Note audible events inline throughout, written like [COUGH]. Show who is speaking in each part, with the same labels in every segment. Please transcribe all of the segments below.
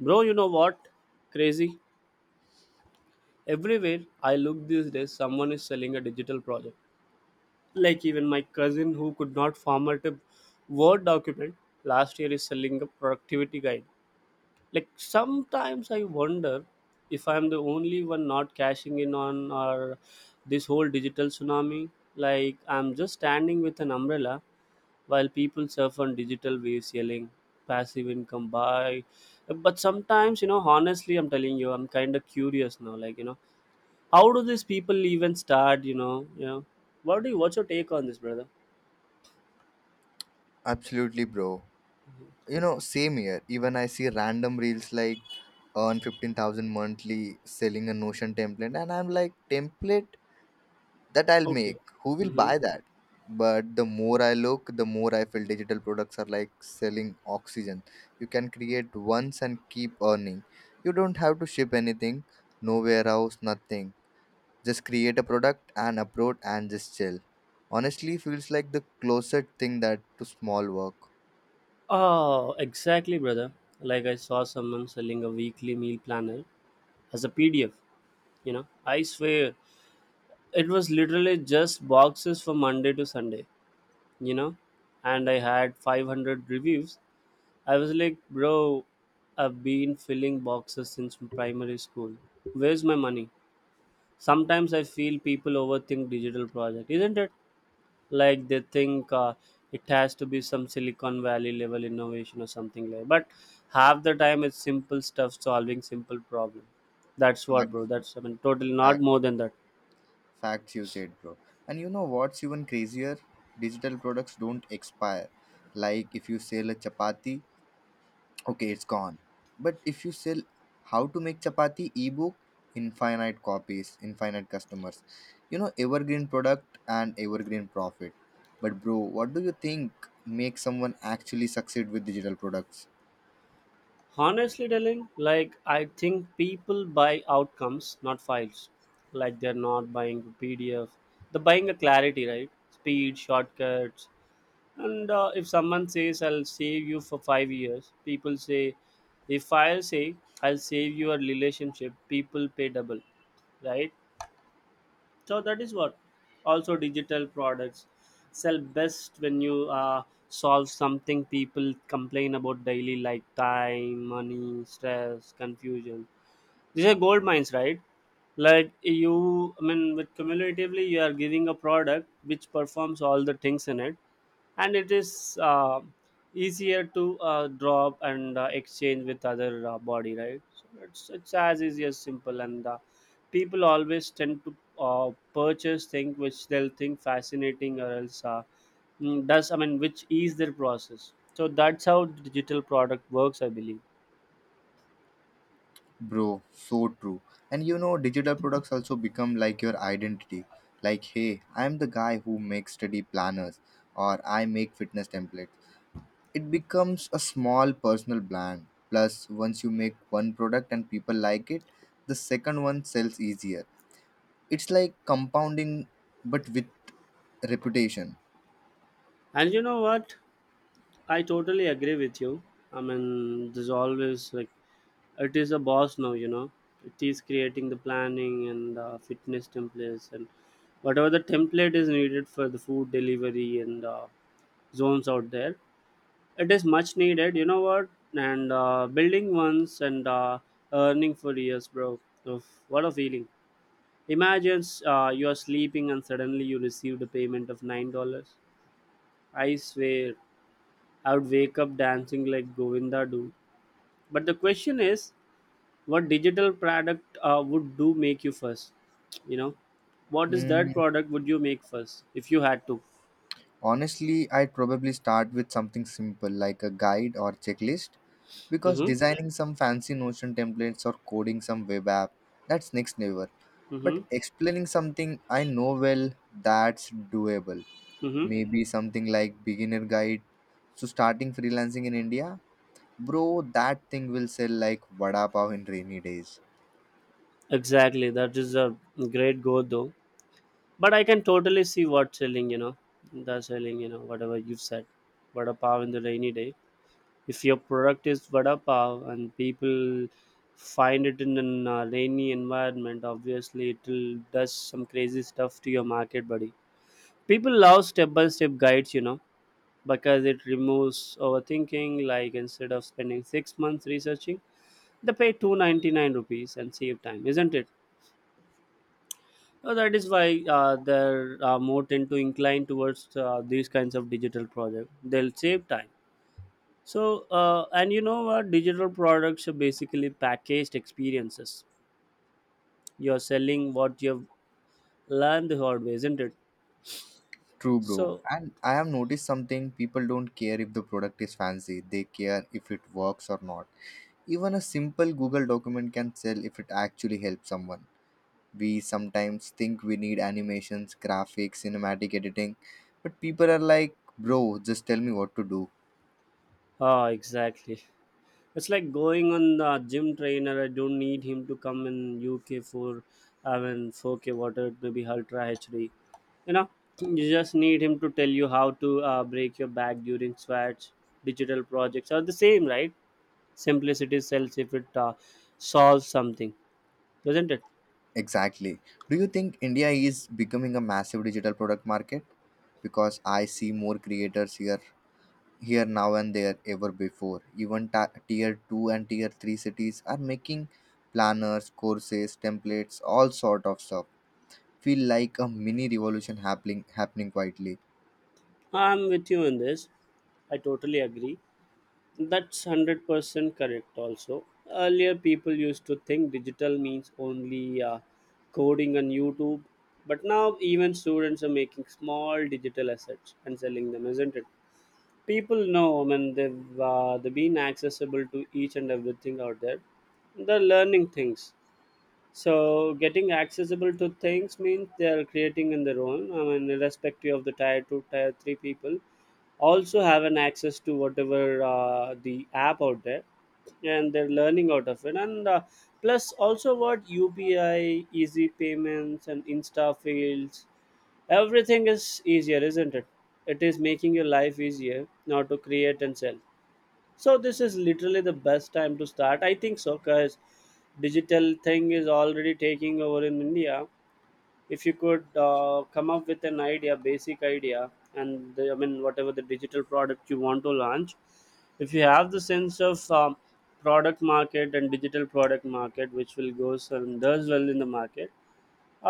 Speaker 1: Bro, you know what? Crazy. Everywhere I look these days, someone is selling a digital project. Like even my cousin who could not format a Word document last year is selling a productivity guide. Like sometimes I wonder if I'm the only one not cashing in on or this whole digital tsunami. Like I'm just standing with an umbrella while people surf on digital waves yelling passive income buy. But sometimes, you know honestly, I'm telling you, I'm kind of curious now, like, how do these people even start? What do you, what's your take on this, brother?
Speaker 2: Absolutely, bro. You know, same here. Even I see random reels like earn 15,000 monthly selling a Notion template, and I'm like, template that I'll make.
Speaker 1: Okay.
Speaker 2: Who will
Speaker 1: Mm-hmm.
Speaker 2: buy that? But the more I look, the more I feel digital products are like selling oxygen. You can create once and keep earning. You don't have to ship anything, no warehouse, nothing. Just create a product and upload and just chill. Honestly, feels like the closest thing that to small work.
Speaker 1: Oh, exactly, brother. Like I saw someone selling a weekly meal planner as a PDF. You know, I swear it was literally just boxes from Monday to Sunday. You know, and I had 500 reviews. I was like, bro, I've been filling boxes since primary school. Where's my money? Sometimes I feel people overthink digital project, isn't it? Like they think it has to be some Silicon Valley level innovation or something like. But half the time it's simple stuff solving simple problem. That's what, bro.
Speaker 2: Facts.
Speaker 1: That's, I mean, totally not
Speaker 2: Fact,
Speaker 1: more than that.
Speaker 2: facts you said, bro. And you know what's even crazier? Digital products don't expire. Like if you sell a chapati, okay, it's gone. But if you sell how to make chapati ebook, infinite copies, infinite customers. You know, evergreen product and evergreen profit. But bro, what do you think makes someone actually succeed with digital products?
Speaker 1: Honestly telling, like I think people buy outcomes, not files. Like they're not buying a PDF, they're buying a clarity, right? Speed, shortcuts, and if someone says I'll save you for 5 years, people say, if I say I'll save your relationship, people pay double, right? So that is what also digital products sell best when you solve something people complain about daily, like time, money, stress, confusion. These are gold mines, right? Like you, I mean, with cumulatively, you are giving a product which performs all the things in it, and it is easier to drop and exchange with other body, right? So it's as easy as simple, and people always tend to purchase things which they'll think fascinating, or else does, I mean, which ease their process. So that's how digital product works, I believe.
Speaker 2: Bro, so true. And you know, digital products also become like your identity. Like, hey, I'm the guy who makes study planners or I make fitness templates. It becomes a small personal brand. Plus, once you make one product and people like it, the second one sells easier. It's like compounding but with reputation.
Speaker 1: And you know what, I totally agree with you. I mean, there's always like, it is a boss now, you know. It is creating the planning and fitness templates and whatever the template is needed for the food delivery and zones out there. It is much needed, you know what. And building once and earning for years, bro. Oof, what a feeling. Imagine you are sleeping and suddenly you received a payment of $9. I swear I would wake up dancing like Govinda do. But the question is, what digital product would do make you first, you know? What is that
Speaker 2: Mm,
Speaker 1: product would you make first if you had to?
Speaker 2: Honestly, I'd probably start with something simple like a guide or checklist because
Speaker 1: Mm-hmm.
Speaker 2: designing some fancy Notion templates or coding some web app, that's next level,
Speaker 1: Mm-hmm.
Speaker 2: but explaining something I know well, that's doable.
Speaker 1: Mm-hmm.
Speaker 2: Maybe something like beginner guide to starting freelancing in India, bro. That thing will sell like vada pav in rainy days.
Speaker 1: Exactly, that is a great goal though. But I can totally see what's selling, you know. That's selling, you know, whatever you've said. Vada pav in the rainy day. If your product is vada pav and people find it in an rainy environment, obviously it will does some crazy stuff to your market, buddy. People love step by step guides, you know, because it removes overthinking. Like instead of spending 6 months researching, they pay 299 rupees and save time, isn't it? So that is why there are more tend to incline towards these kinds of digital projects. They'll save time. So and you know what, digital products are basically packaged experiences. You're selling what you've learned the hard way, isn't it?
Speaker 2: True, bro.
Speaker 1: So
Speaker 2: And I have noticed something. People don't care if the product is fancy, they care if it works or not. Even a simple Google document can sell if it actually helps someone. We sometimes think we need animations, graphics, cinematic editing, but people are like, bro, just tell me what to do.
Speaker 1: exactly. It's like going on the gym trainer. I don't need him to come in UK for, I mean, 4K water, maybe Ultra HD. You know, you just need him to tell you how to break your back during sweats. Digital projects are the same, right? Simplicity sells if it solves something, doesn't it?
Speaker 2: Exactly. Do you think India is becoming a massive digital product market? Because I see more creators here now and there ever before. Even tier 2 and tier 3 cities are making planners, courses, templates, all sort of stuff. Feel like a mini revolution happening quietly.
Speaker 1: I'm with you in this. I totally agree. That's 100% correct, also. Earlier, people used to think digital means only coding on YouTube, but now even students are making small digital assets and selling them, isn't it? People know, I mean, they've been accessible to each and everything out there. They're learning things. So, getting accessible to things means they're creating in their own, I mean, irrespective of the tier 2, tier 3 people also have an access to whatever the app out there, and they're learning out of it. And plus also what, UPI easy payments and insta fields, everything is easier, isn't it? It is making your life easier now to create and sell. So this is literally the best time to start, I think so, because digital thing is already taking over in India. If you could come up with an idea, basic idea, and I mean, whatever the digital product you want to launch, if you have the sense of product market and digital product market which will go and does well in the market,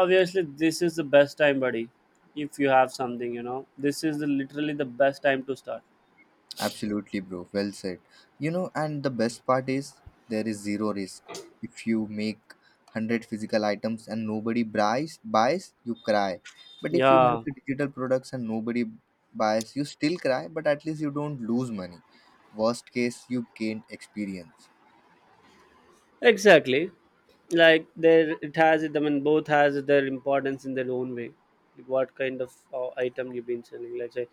Speaker 1: obviously this is the best time, buddy. If you have something, you know, literally the best time to start.
Speaker 2: Absolutely, bro. Well said. You know, and the best part is there is zero risk. If you make 100 physical items and nobody buys, you cry. But if you make
Speaker 1: Yeah,
Speaker 2: digital products and nobody buys, you still cry, but at least you don't lose money. Worst case, you gained experience.
Speaker 1: exactly. Like there it has it, I mean, both has their importance in their own way. Like, what kind of item you've been selling, let's say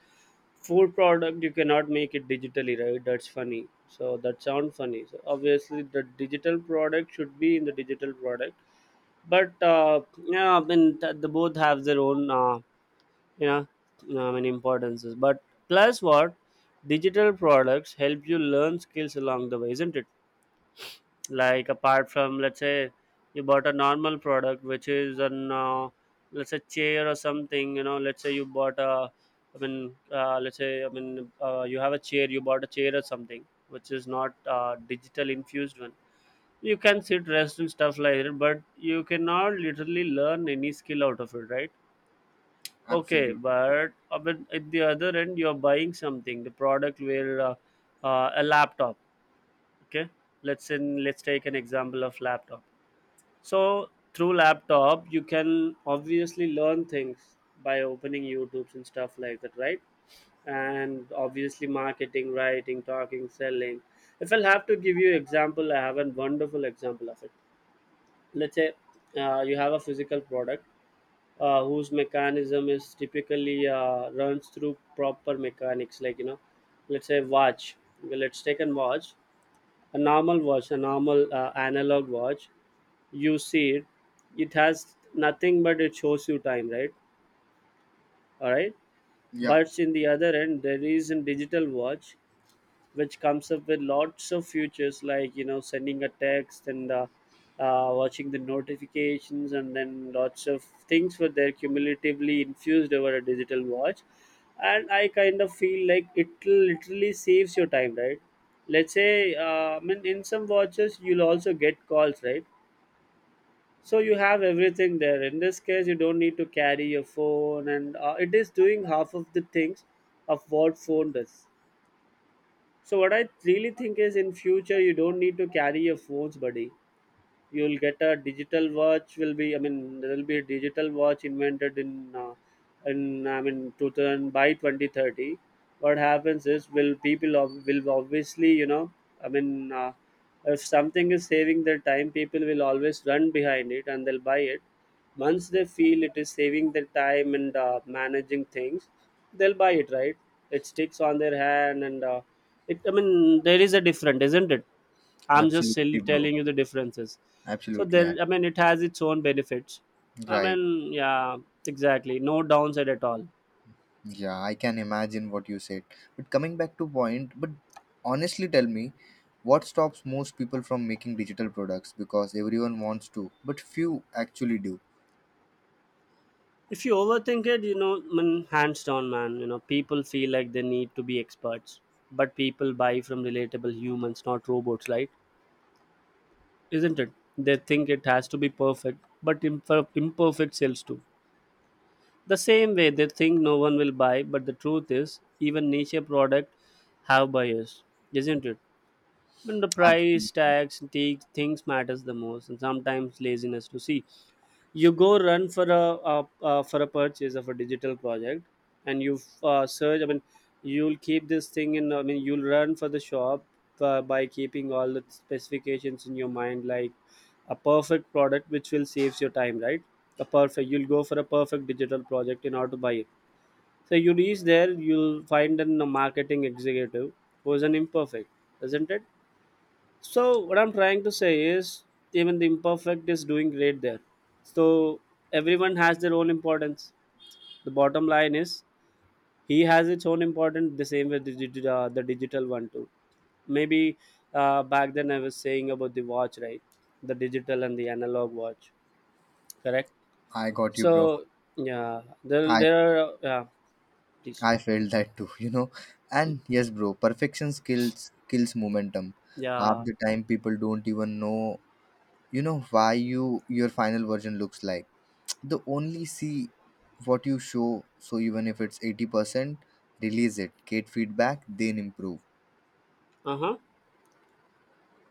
Speaker 1: food product, you cannot make it digitally, right? That's funny, so that sounds funny. So obviously the digital product should be in the digital product. But yeah, I mean, they both have their own you know I mean importances. But plus what, digital products help you learn skills along the way, isn't it? Like apart from, let's say, you bought a normal product, which is an let's say chair or something. You know, let's say you bought a, I mean, let's say I mean you have a chair, you bought a chair or something, which is not digital infused one. You can sit, rest, and stuff like that, but you cannot literally learn any skill out of it, right? Okay,
Speaker 2: Absolute.
Speaker 1: but at the other end, you're buying something, the product where a laptop. Okay, let's take an example of laptop. So through laptop, you can obviously learn things by opening YouTube's and stuff like that, right? And obviously marketing, writing, talking, selling. If I'll have to give you example, I have a wonderful example of it. Let's say you have a physical product whose mechanism is typically runs through proper mechanics, like you know, let's say watch. Let's take a watch, a normal analog watch. You see it, it has nothing but it shows you time, right? All right.
Speaker 2: Yeah.
Speaker 1: But in the other end, there is a digital watch which comes up with lots of features, like you know, sending a text and watching the notifications, and then lots of things were there cumulatively infused over a digital watch. And I kind of feel like it literally saves your time, right? Let's say I mean, in some watches, you'll also get calls, right? So you have everything there. In this case, you don't need to carry your phone, and it is doing half of the things of what phone does. So what I really think is, in future, you don't need to carry your phones, buddy. You'll get a digital watch will be, I mean, there will be a digital watch invented in I mean 2000 by 2030. What happens is will people will obviously, you know, I mean, if something is saving their time, people will always run behind it and they'll buy it. Once they feel it is saving their time and managing things, they'll buy it, right? It sticks on their hand, and it I mean there is a different, isn't it? I'm just
Speaker 2: Absolutely,
Speaker 1: silly
Speaker 2: bro.
Speaker 1: telling you the differences. So
Speaker 2: Absolutely.
Speaker 1: there,
Speaker 2: ab-
Speaker 1: I mean, it has its own benefits. I
Speaker 2: Right.
Speaker 1: mean, yeah, exactly. No downside at all.
Speaker 2: Yeah, I can imagine what you said. But coming back to point, but honestly tell me, what stops most people from making digital products? Because everyone wants to, but few actually do.
Speaker 1: If you overthink it, you know, I mean, hands down, man. You know, people feel like they need to be experts, but people buy from relatable humans, not robots, right? Isn't it? They think it has to be perfect, but imperfect sells too. The same way they think no one will buy, but the truth is, even niche product have buyers, isn't it? When the price
Speaker 2: Absolutely.
Speaker 1: tags and take things matters the most, and sometimes laziness to see. You go run for a purchase of a digital project, and you search. I mean, you'll keep this thing in. I mean, you'll run for the shop by keeping all the specifications in your mind, like a perfect product which will saves your time, right? A perfect. You'll go for a perfect digital project in order to buy it. So you reach there, you'll find a marketing executive who is an imperfect, isn't it? So what I'm trying to say is even the imperfect is doing great there. So everyone has their own importance. The bottom line is he has its own importance the same way the digital one too. Maybe back then I was saying about the watch, right? The digital and the analog watch, correct?
Speaker 2: I got you, bro.
Speaker 1: So yeah, there
Speaker 2: I
Speaker 1: there are uh, yeah, Please.
Speaker 2: I felt that too, [LAUGHS] you know.
Speaker 1: Hmm.
Speaker 2: And yes, bro, perfection kills momentum. Half
Speaker 1: Yeah.
Speaker 2: the time people don't even know, you know, why you your final version looks like. The only see what you show. So even if it's 80%, release it, get feedback, then improve.
Speaker 1: Uh huh.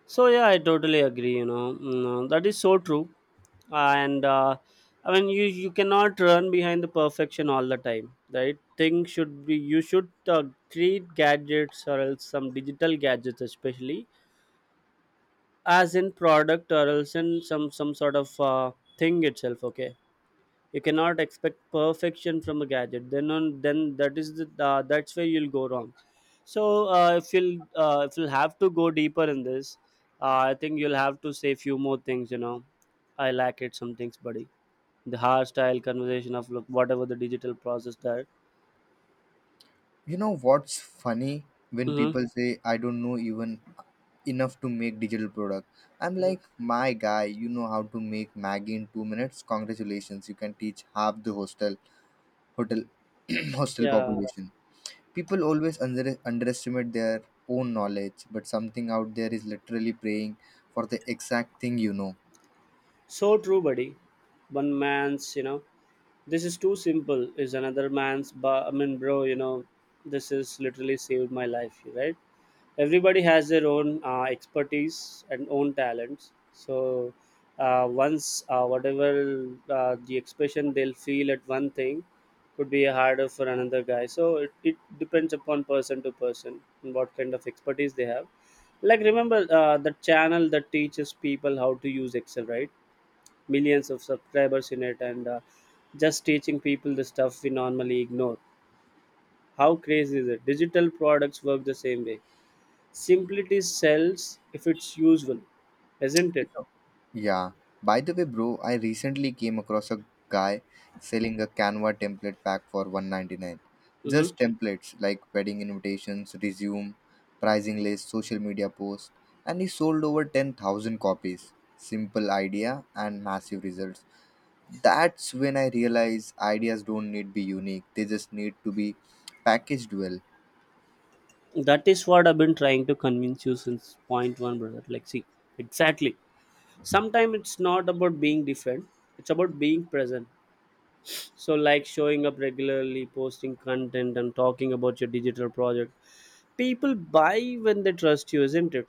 Speaker 1: So yeah, I totally agree. That is so true. And I mean you you cannot run behind the perfection all the time. Right, things should be, you should treat gadgets or else some digital gadgets especially as in product or else in some sort of thing itself, okay. You cannot expect perfection from a gadget, then on, then that is the that's where you'll go wrong. So if you'll, if you'll have to go deeper in this, I think you'll have to say few more things, you know. I lack it some things, buddy. The hard-style conversation of look, whatever the digital process that.
Speaker 2: You know what's funny, when
Speaker 1: Hmm.
Speaker 2: people say I don't know even enough to make digital product, I'm
Speaker 1: Hmm.
Speaker 2: like, my guy, you know how to make maggie in 2 minutes, congratulations, you can teach half the hostel hotel [CLEARS THROAT] hostel
Speaker 1: Yeah,
Speaker 2: population. People always underestimate their own knowledge, but something out there is literally praying for the exact thing, you know.
Speaker 1: so true, buddy. One man's this is too simple is another man's. But I mean, bro, you know, this is literally saved my life, right? Everybody has their own expertise and own talents. So once whatever the expression they'll feel at one thing could be harder for another guy, so it depends upon person to person and what kind of expertise they have. Like remember the channel that teaches people how to use excel, right? Millions of subscribers in it, and just teaching people the stuff we normally ignore. How crazy is it? Digital products work the same way. Simplicity sells if it's useful, isn't
Speaker 2: You
Speaker 1: it?
Speaker 2: know, yeah. By the way, bro, I recently came across a guy selling a Canva template pack for 199.
Speaker 1: Hmm.
Speaker 2: Just templates like wedding invitations, resume, pricing list, social media posts, and he sold over 10,000 copies. Simple idea and massive results. That's when I realized ideas don't need to be unique. They just need to be packaged well.
Speaker 1: That is what I've been trying to convince you since point one, brother. Like, see, exactly. Sometimes it's not about being different, it's about being present. So, like showing up regularly, posting content, and talking about your digital project. People buy when they trust you, isn't it?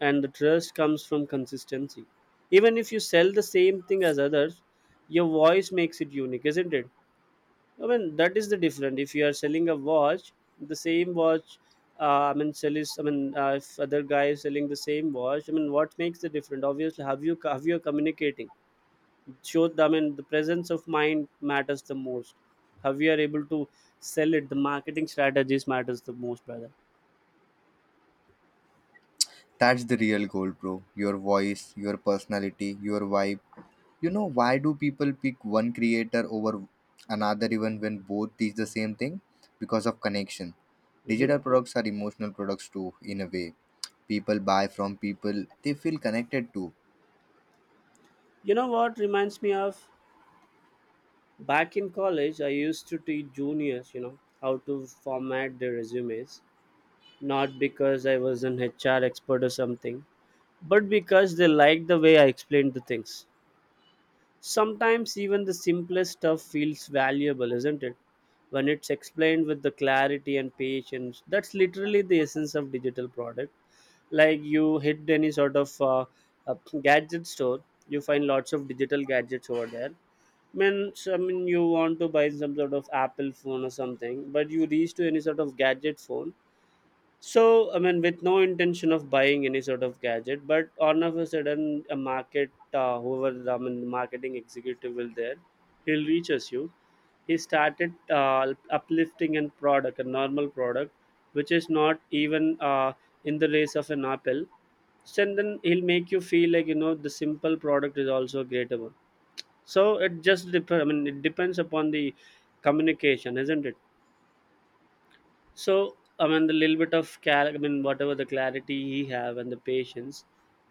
Speaker 1: And the trust comes from consistency, even if you sell the same thing as others, your voice makes it unique, isn't it? I mean, that is the difference. If you are selling a watch, the same watch, I mean, sell is, I mean, if other guy is selling the same watch, I mean, what makes the difference? Obviously, have you, have you are communicating? Show, I mean, the presence of mind matters the most. Have you are able to sell it? The marketing strategies matters the most, brother.
Speaker 2: That's the real goal, bro. Your voice, your personality, your vibe. You know, why do people pick one creator over another even when both teach the same thing? Because of connection.
Speaker 1: Hmm.
Speaker 2: Digital products are emotional products too, in a way. People buy from people they feel connected to.
Speaker 1: You know what reminds me of back in college, I used to teach juniors, you know, how to format their resumes. Not because I was an HR expert or something, but because they like the way I explained the things. Sometimes even the simplest stuff feels valuable, isn't it? When it's explained with the clarity and patience, that's literally the essence of digital product. Like you hit any sort of a gadget store, you find lots of digital gadgets over there. Means, I mean, you want to buy some sort of Apple phone or something, but you reach to any sort of gadget phone, so, I mean, with no intention of buying any sort of gadget, but all of a sudden, a market, whoever the, I mean, marketing executive will there, he'll reach us. You. He started uplifting a product, a normal product, which is not even in the race of an apple. So, and then he'll make you feel like you know the simple product is also a greater one. So it just depends. I mean, it depends upon the communication, isn't it? So, I mean, the little bit of cal, I mean, whatever the clarity he have and the patience,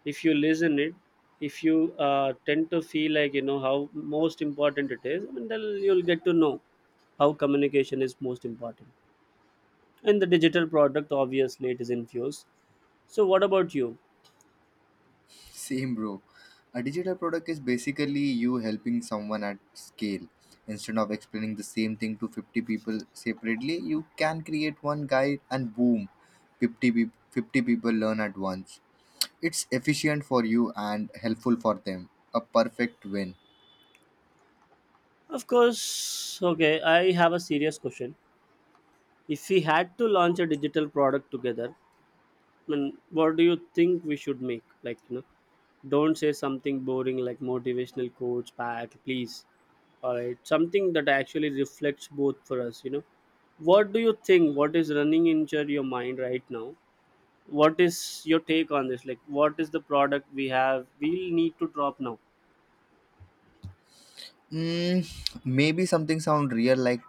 Speaker 1: if you listen it, if you tend to feel like you know how most important it is, I mean, then you'll get to know how communication is most important. And the digital product, obviously, it is infused. So, what about you?
Speaker 2: [LAUGHS] Same, bro. A digital product is basically you helping someone at scale. Instead of explaining the same thing to 50 people separately, you can create one guide and boom, 50 people learn at once. It's efficient for you and helpful for them. A perfect win.
Speaker 1: Of course, okay. I have a serious question. If we had to launch a digital product together, I mean, what do you think we should make? Like, you know, don't say something boring like motivational quotes back, please. All right, something that actually reflects both for us, you know. What do you think? What is running in your mind right now? What is your take on this? Like, what is the product we have? We'll need to drop now.
Speaker 2: Mm, Maybe something sound real like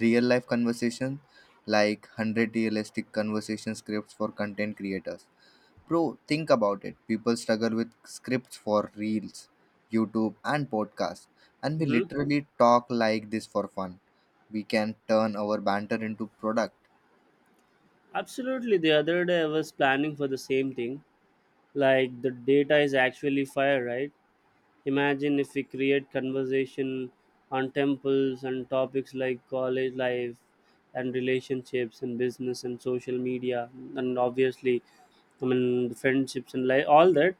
Speaker 2: real life conversation, like 100 realistic conversation scripts for content creators. Bro, think about it. People struggle with scripts for reels, YouTube, and podcasts, and we
Speaker 1: Mm-hmm.
Speaker 2: literally talk like this for fun. We can turn our banter into product.
Speaker 1: Absolutely. The other day I was planning for the same thing. Like the data is actually fire, right? Imagine if we create conversation on temples and topics like college life and relationships and business and social media and obviously I mean friendships and like all that.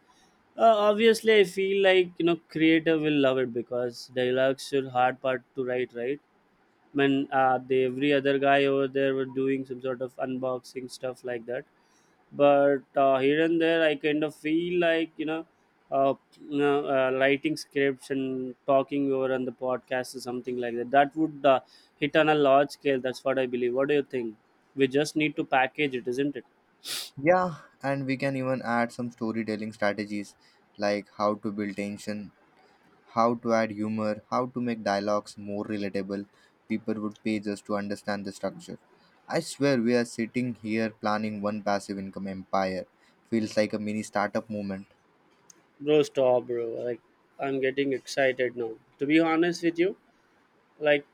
Speaker 1: Obviously, I feel like you know creator will love it because dialogues are hard part to write, right? I mean, the every other guy over there were doing some sort of unboxing stuff like that, but here and there I kind of feel like you know, uh, writing scripts and talking over on the podcast or something like that, that would hit on a large scale. That's what I believe. What do you think? We just need to package it, isn't it?
Speaker 2: Yeah, and we can even add some storytelling strategies like how to build tension, how to add humor, how to make dialogues more relatable. People would pay just to understand the structure. I swear we are sitting here planning one passive income empire. Feels like a mini startup movement.
Speaker 1: Bro, stop, bro. Like, I'm getting excited now, to be honest with you. Like,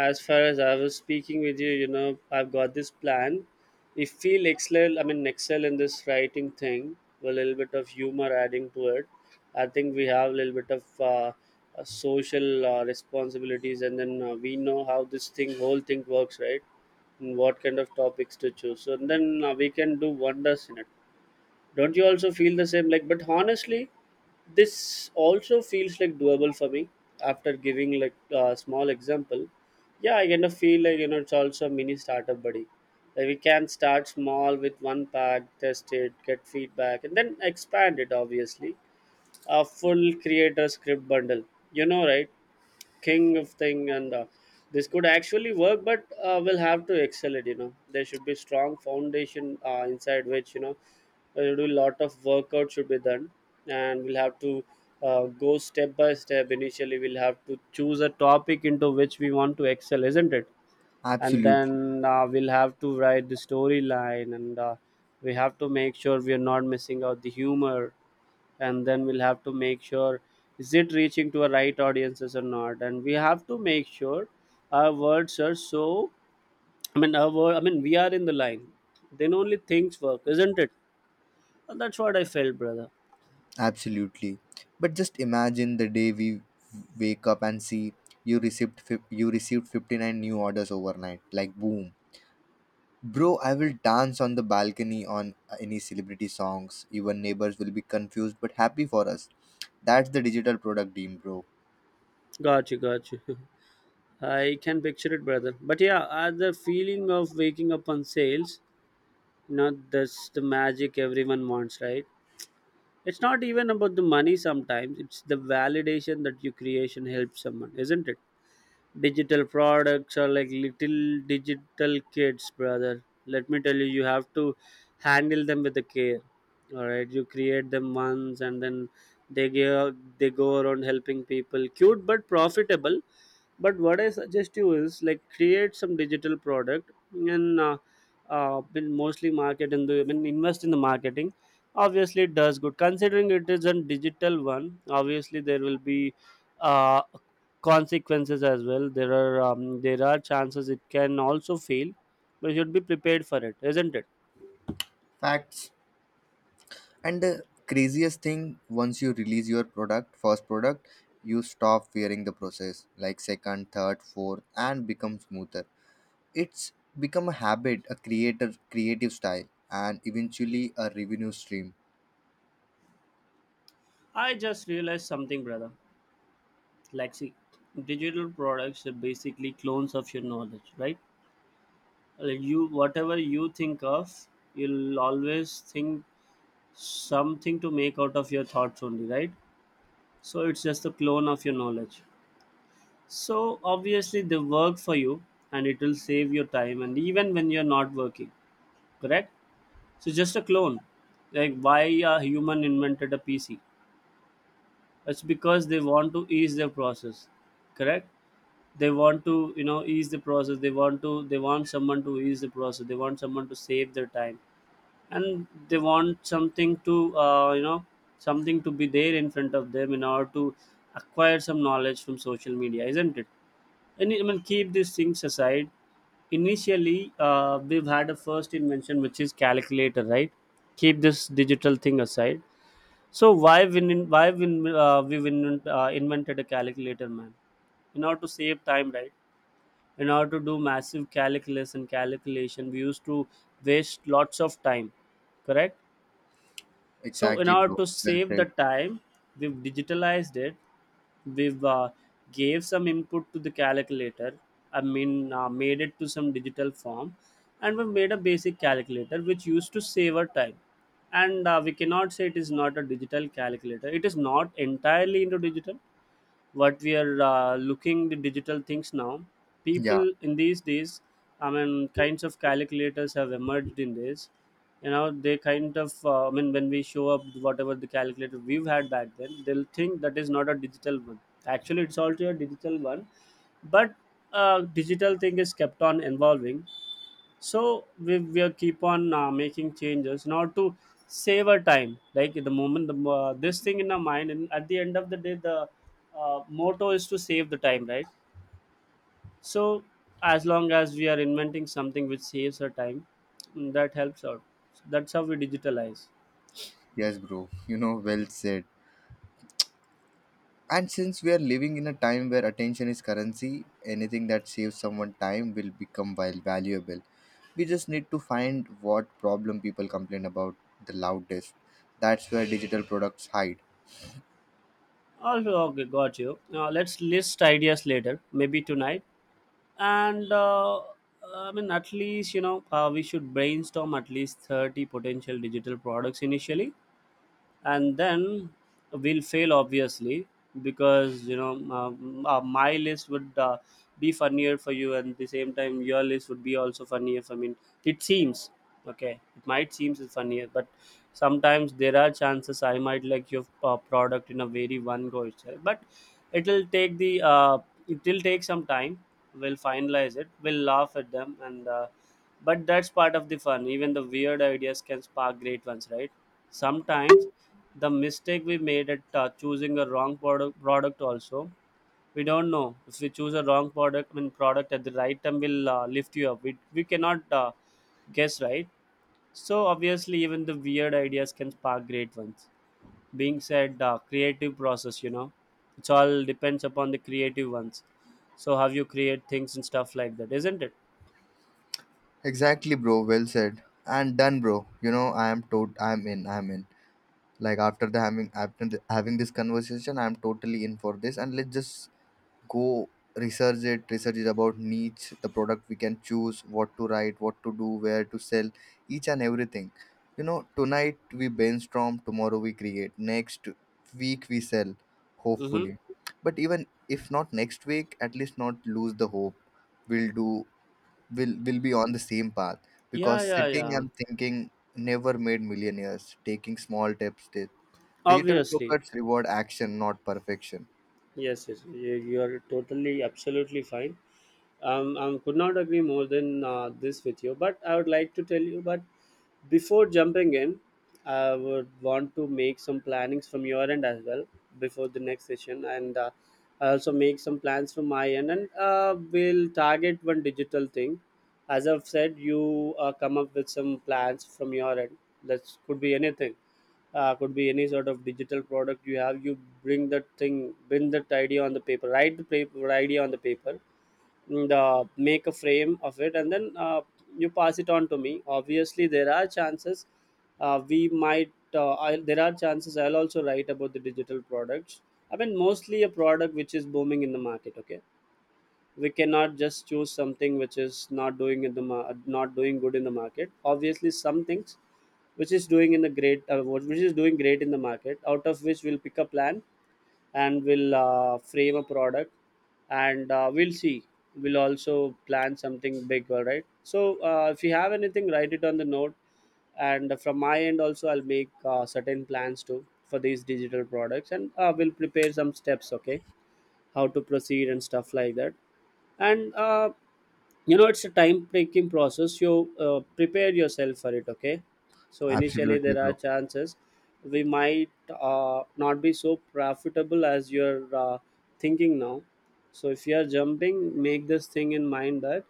Speaker 1: as far as I was speaking with you, you know, I've got this plan. If we'll excel, I mean, excel in this writing thing with a little bit of humor adding to it, I think we have a little bit of social responsibilities, and then we know how this thing, whole thing works, right? And what kind of topics to choose, so then we can do wonders in it. Don't you also feel the same? Like, but honestly, this also feels like doable for me. After giving like a small example, yeah, I kind of feel like you know it's also a mini startup, buddy. Like we can start small with one pack, test it, get feedback, and then expand it. Obviously, a full creator script bundle, you know, right, king of thing, and this could actually work, but we'll have to excel it, you know. There should be strong foundation inside which, you know, we'll do a lot of workout, should be done, and we'll have to go step by step. Initially we'll have to choose a topic into which we want to excel, isn't it? And
Speaker 2: Absolutely,
Speaker 1: then we'll have to write the storyline, and we have to make sure we are not missing out the humor, and then we'll have to make sure is it reaching to a right audiences or not, and we have to make sure our words are so, I mean, our word, I mean, we are in the line, then only things work, isn't it? And that's what I felt, brother.
Speaker 2: absolutely. But just imagine the day we wake up and see, you received you received 59 new orders overnight. Like, boom. Bro, I will dance on the balcony on any celebrity songs. Even neighbors will be confused but happy for us. That's the digital product team, bro.
Speaker 1: Got you, got you. [LAUGHS] I can picture it, brother. But yeah, the feeling of waking up on sales, you know, that's the magic everyone wants, right? It's not even about the money sometimes, it's the validation that your creation helps someone, isn't it? Digital products are like little digital kids, brother. Let me tell you, you have to handle them with the care. Alright, you create them once and then they go around helping people. Cute but profitable. But what I suggest you is like create some digital product and been mostly market in the, I mean, invest in the marketing. Obviously it does good considering it is a digital one. Obviously there will be uh, consequences as well. There are there are chances it can also fail, but you should be prepared for it, isn't it?
Speaker 2: Facts. And the craziest thing, once you release your first product, you stop fearing the process, like second, third, fourth, and become smoother. It's become a habit, a creator creative style, and eventually a revenue stream.
Speaker 1: I just realized something, brother. Like, see, digital products are basically clones of your knowledge, right? Like you, whatever you think of, you'll always think something to make out of your thoughts only, right? So it's just a clone of your knowledge. So obviously they work for you, and it will save your time and even when you're not working, correct? So just a clone. Like why a human invented a PC? It's because they want to ease their process, correct? They want to ease the process. They want to they want someone to ease the process. They want someone to save their time, and they want something to something to be there in front of them in order to acquire some knowledge from social media, isn't it? And I mean, keep these things aside. Initially, we've had a first invention, which is calculator, right? Keep this digital thing aside. So we've invented a calculator, man, in order to save time, right? In order to do massive calculus and calculation, we used to waste lots of time, correct? So in
Speaker 2: Exactly,
Speaker 1: order
Speaker 2: bro.
Speaker 1: to
Speaker 2: Well
Speaker 1: save the
Speaker 2: said.
Speaker 1: time, we've digitalized it. We've gave some input to the calculator. I mean, made it to some digital form, and we made a basic calculator which used to save our time. And we cannot say it is not a digital calculator. It is not entirely into digital, what we are looking the digital things now,
Speaker 2: Yeah,
Speaker 1: people in these days. I mean, kinds of calculators have emerged in this, you know. They kind of I mean, when we show up whatever the calculator we've had back then, they'll think that is not a digital one. Actually, it's also a digital one, but digital thing is kept on evolving. So we will keep on making changes, not to save our time, like the moment the this thing in our mind, and at the end of the day, the motto is to save the time, right? So as long as we are inventing something which saves our time, mm, that helps out. So, that's how we digitalize.
Speaker 2: yes, bro. You know, well said. And since we are living in a time where attention is currency, anything that saves someone time will become valuable. We just need to find what problem people complain about the loudest. That's where digital products hide.
Speaker 1: Also, okay, got you. Let's list ideas later, maybe tonight, and I mean, at least, we should brainstorm at least 30 potential digital products initially, and then we'll fail obviously, because my list would be funnier for you, and at the same time your list would be also funnier for me, it seems. Okay, it might seems it's funnier, but sometimes there are chances I might like your product in a very one go itself, but it'll take the uh, it will take some time. We'll finalize it, we'll laugh at them, and but that's part of the fun. Even the weird ideas can spark great ones, right? Sometimes the mistake we made at choosing a wrong product also, we don't know. If we choose a wrong product, I mean product at the right time, will lift you up. We cannot guess, right? So obviously even the weird ideas can spark great ones, being said. Creative process, you know, it's all depends upon the creative ones. So how you create things and stuff like that, isn't it?
Speaker 2: Exactly, bro. Well said. And done, bro. You know, I am tot. I'm in. Like after the having this conversation, I'm totally in for this. And let's just go research it. Research is about niche, the product we can choose, what to write, what to do, where to sell, each and everything. You know, tonight we brainstorm, tomorrow we create, next week we sell,
Speaker 1: Mm-hmm.
Speaker 2: hopefully. But even if not next week, at least not lose the hope. We'll do. We will be on the same path,
Speaker 1: Yeah,
Speaker 2: because
Speaker 1: yeah,
Speaker 2: sitting
Speaker 1: yeah.
Speaker 2: and thinking never made millionaires, taking small steps did. Digital
Speaker 1: Obviously,
Speaker 2: brokers reward action, not perfection.
Speaker 1: yes, yes, you are totally, absolutely fine. I could not agree more than this with you. But I would like to tell you, but before jumping in, I would want to make some plannings from your end as well before the next session, and I also make some plans from my end, and we'll target one digital thing. As I've said, you come up with some plans from your end. That could be anything. Could be any sort of digital product you have. You bring that thing, bring that idea on the paper. Write the paper, idea on the paper, the make a frame of it, and then you pass it on to me. Obviously there are chances we might I there are chances I'll also write about the digital products. I mean, mostly a product which is booming in the market, okay? We cannot just choose something which is not doing in the not doing good in the market. Obviously some things which is doing in the which is doing great in the market, out of which we'll pick a plan, and we'll frame a product, and we'll see. We'll also plan something big, all right? So if you have anything, write it on the note, and from my end also I'll make certain plans too for these digital products, and we'll prepare some steps, okay? How to proceed and stuff like that. And you know, it's a time taking process. You Prepare yourself for it, okay? So initially
Speaker 2: Absolutely,
Speaker 1: there are
Speaker 2: bro.
Speaker 1: chances we might not be so profitable as you're thinking now. So if you are jumping, make this thing in mind that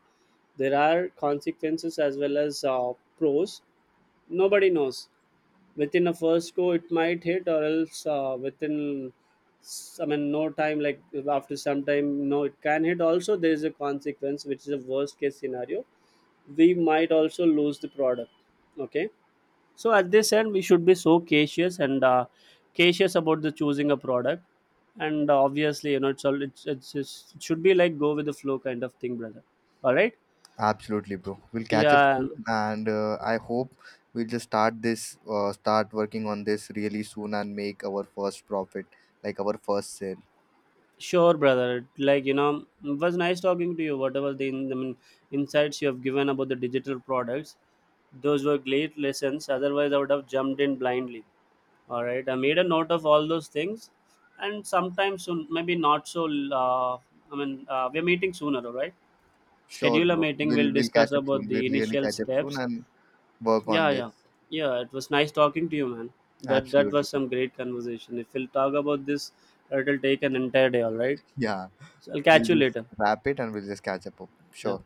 Speaker 1: there are consequences as well as pros. Nobody knows. Within a first go it might hit, or else within I mean, no time, like after some time, no, it can hit. Also, there is a consequence, which is a worst case scenario. We might also lose the product, okay? So at this end we should be so cautious, and cautious about the choosing a product. And obviously, you know, it's all it's just, it should be like go with the flow kind of thing, brother, all right?
Speaker 2: Absolutely, bro. We'll catch up
Speaker 1: Yeah.
Speaker 2: soon, and I hope we'll just start start working on this really soon, and make our first profit, like our first sale.
Speaker 1: Sure, brother, like, you know, it was nice talking to you. Whatever the, I mean, insights you have given about the digital products, those were great lessons. Otherwise I would have jumped in blindly. All right, I made a note of all those things, and sometimes soon, maybe not so. Uh, I mean, we're meeting sooner, all right?
Speaker 2: Sure,
Speaker 1: Schedule a
Speaker 2: bro.
Speaker 1: meeting.
Speaker 2: We'll
Speaker 1: We'll
Speaker 2: we'll
Speaker 1: discuss
Speaker 2: catch up
Speaker 1: about
Speaker 2: soon.
Speaker 1: the
Speaker 2: We'll really
Speaker 1: initial
Speaker 2: catch up soon
Speaker 1: steps.
Speaker 2: and work on
Speaker 1: Yeah,
Speaker 2: this.
Speaker 1: yeah, yeah. It was nice talking to you, man. That
Speaker 2: Absolutely,
Speaker 1: was
Speaker 2: bro.
Speaker 1: some
Speaker 2: [LAUGHS]
Speaker 1: great conversation. If we'll talk about this, it'll take an entire day, all right?
Speaker 2: Yeah,
Speaker 1: So I'll
Speaker 2: we'll
Speaker 1: catch you
Speaker 2: just
Speaker 1: later.
Speaker 2: wrap it and we'll just catch up.
Speaker 1: Yeah.
Speaker 2: Sure.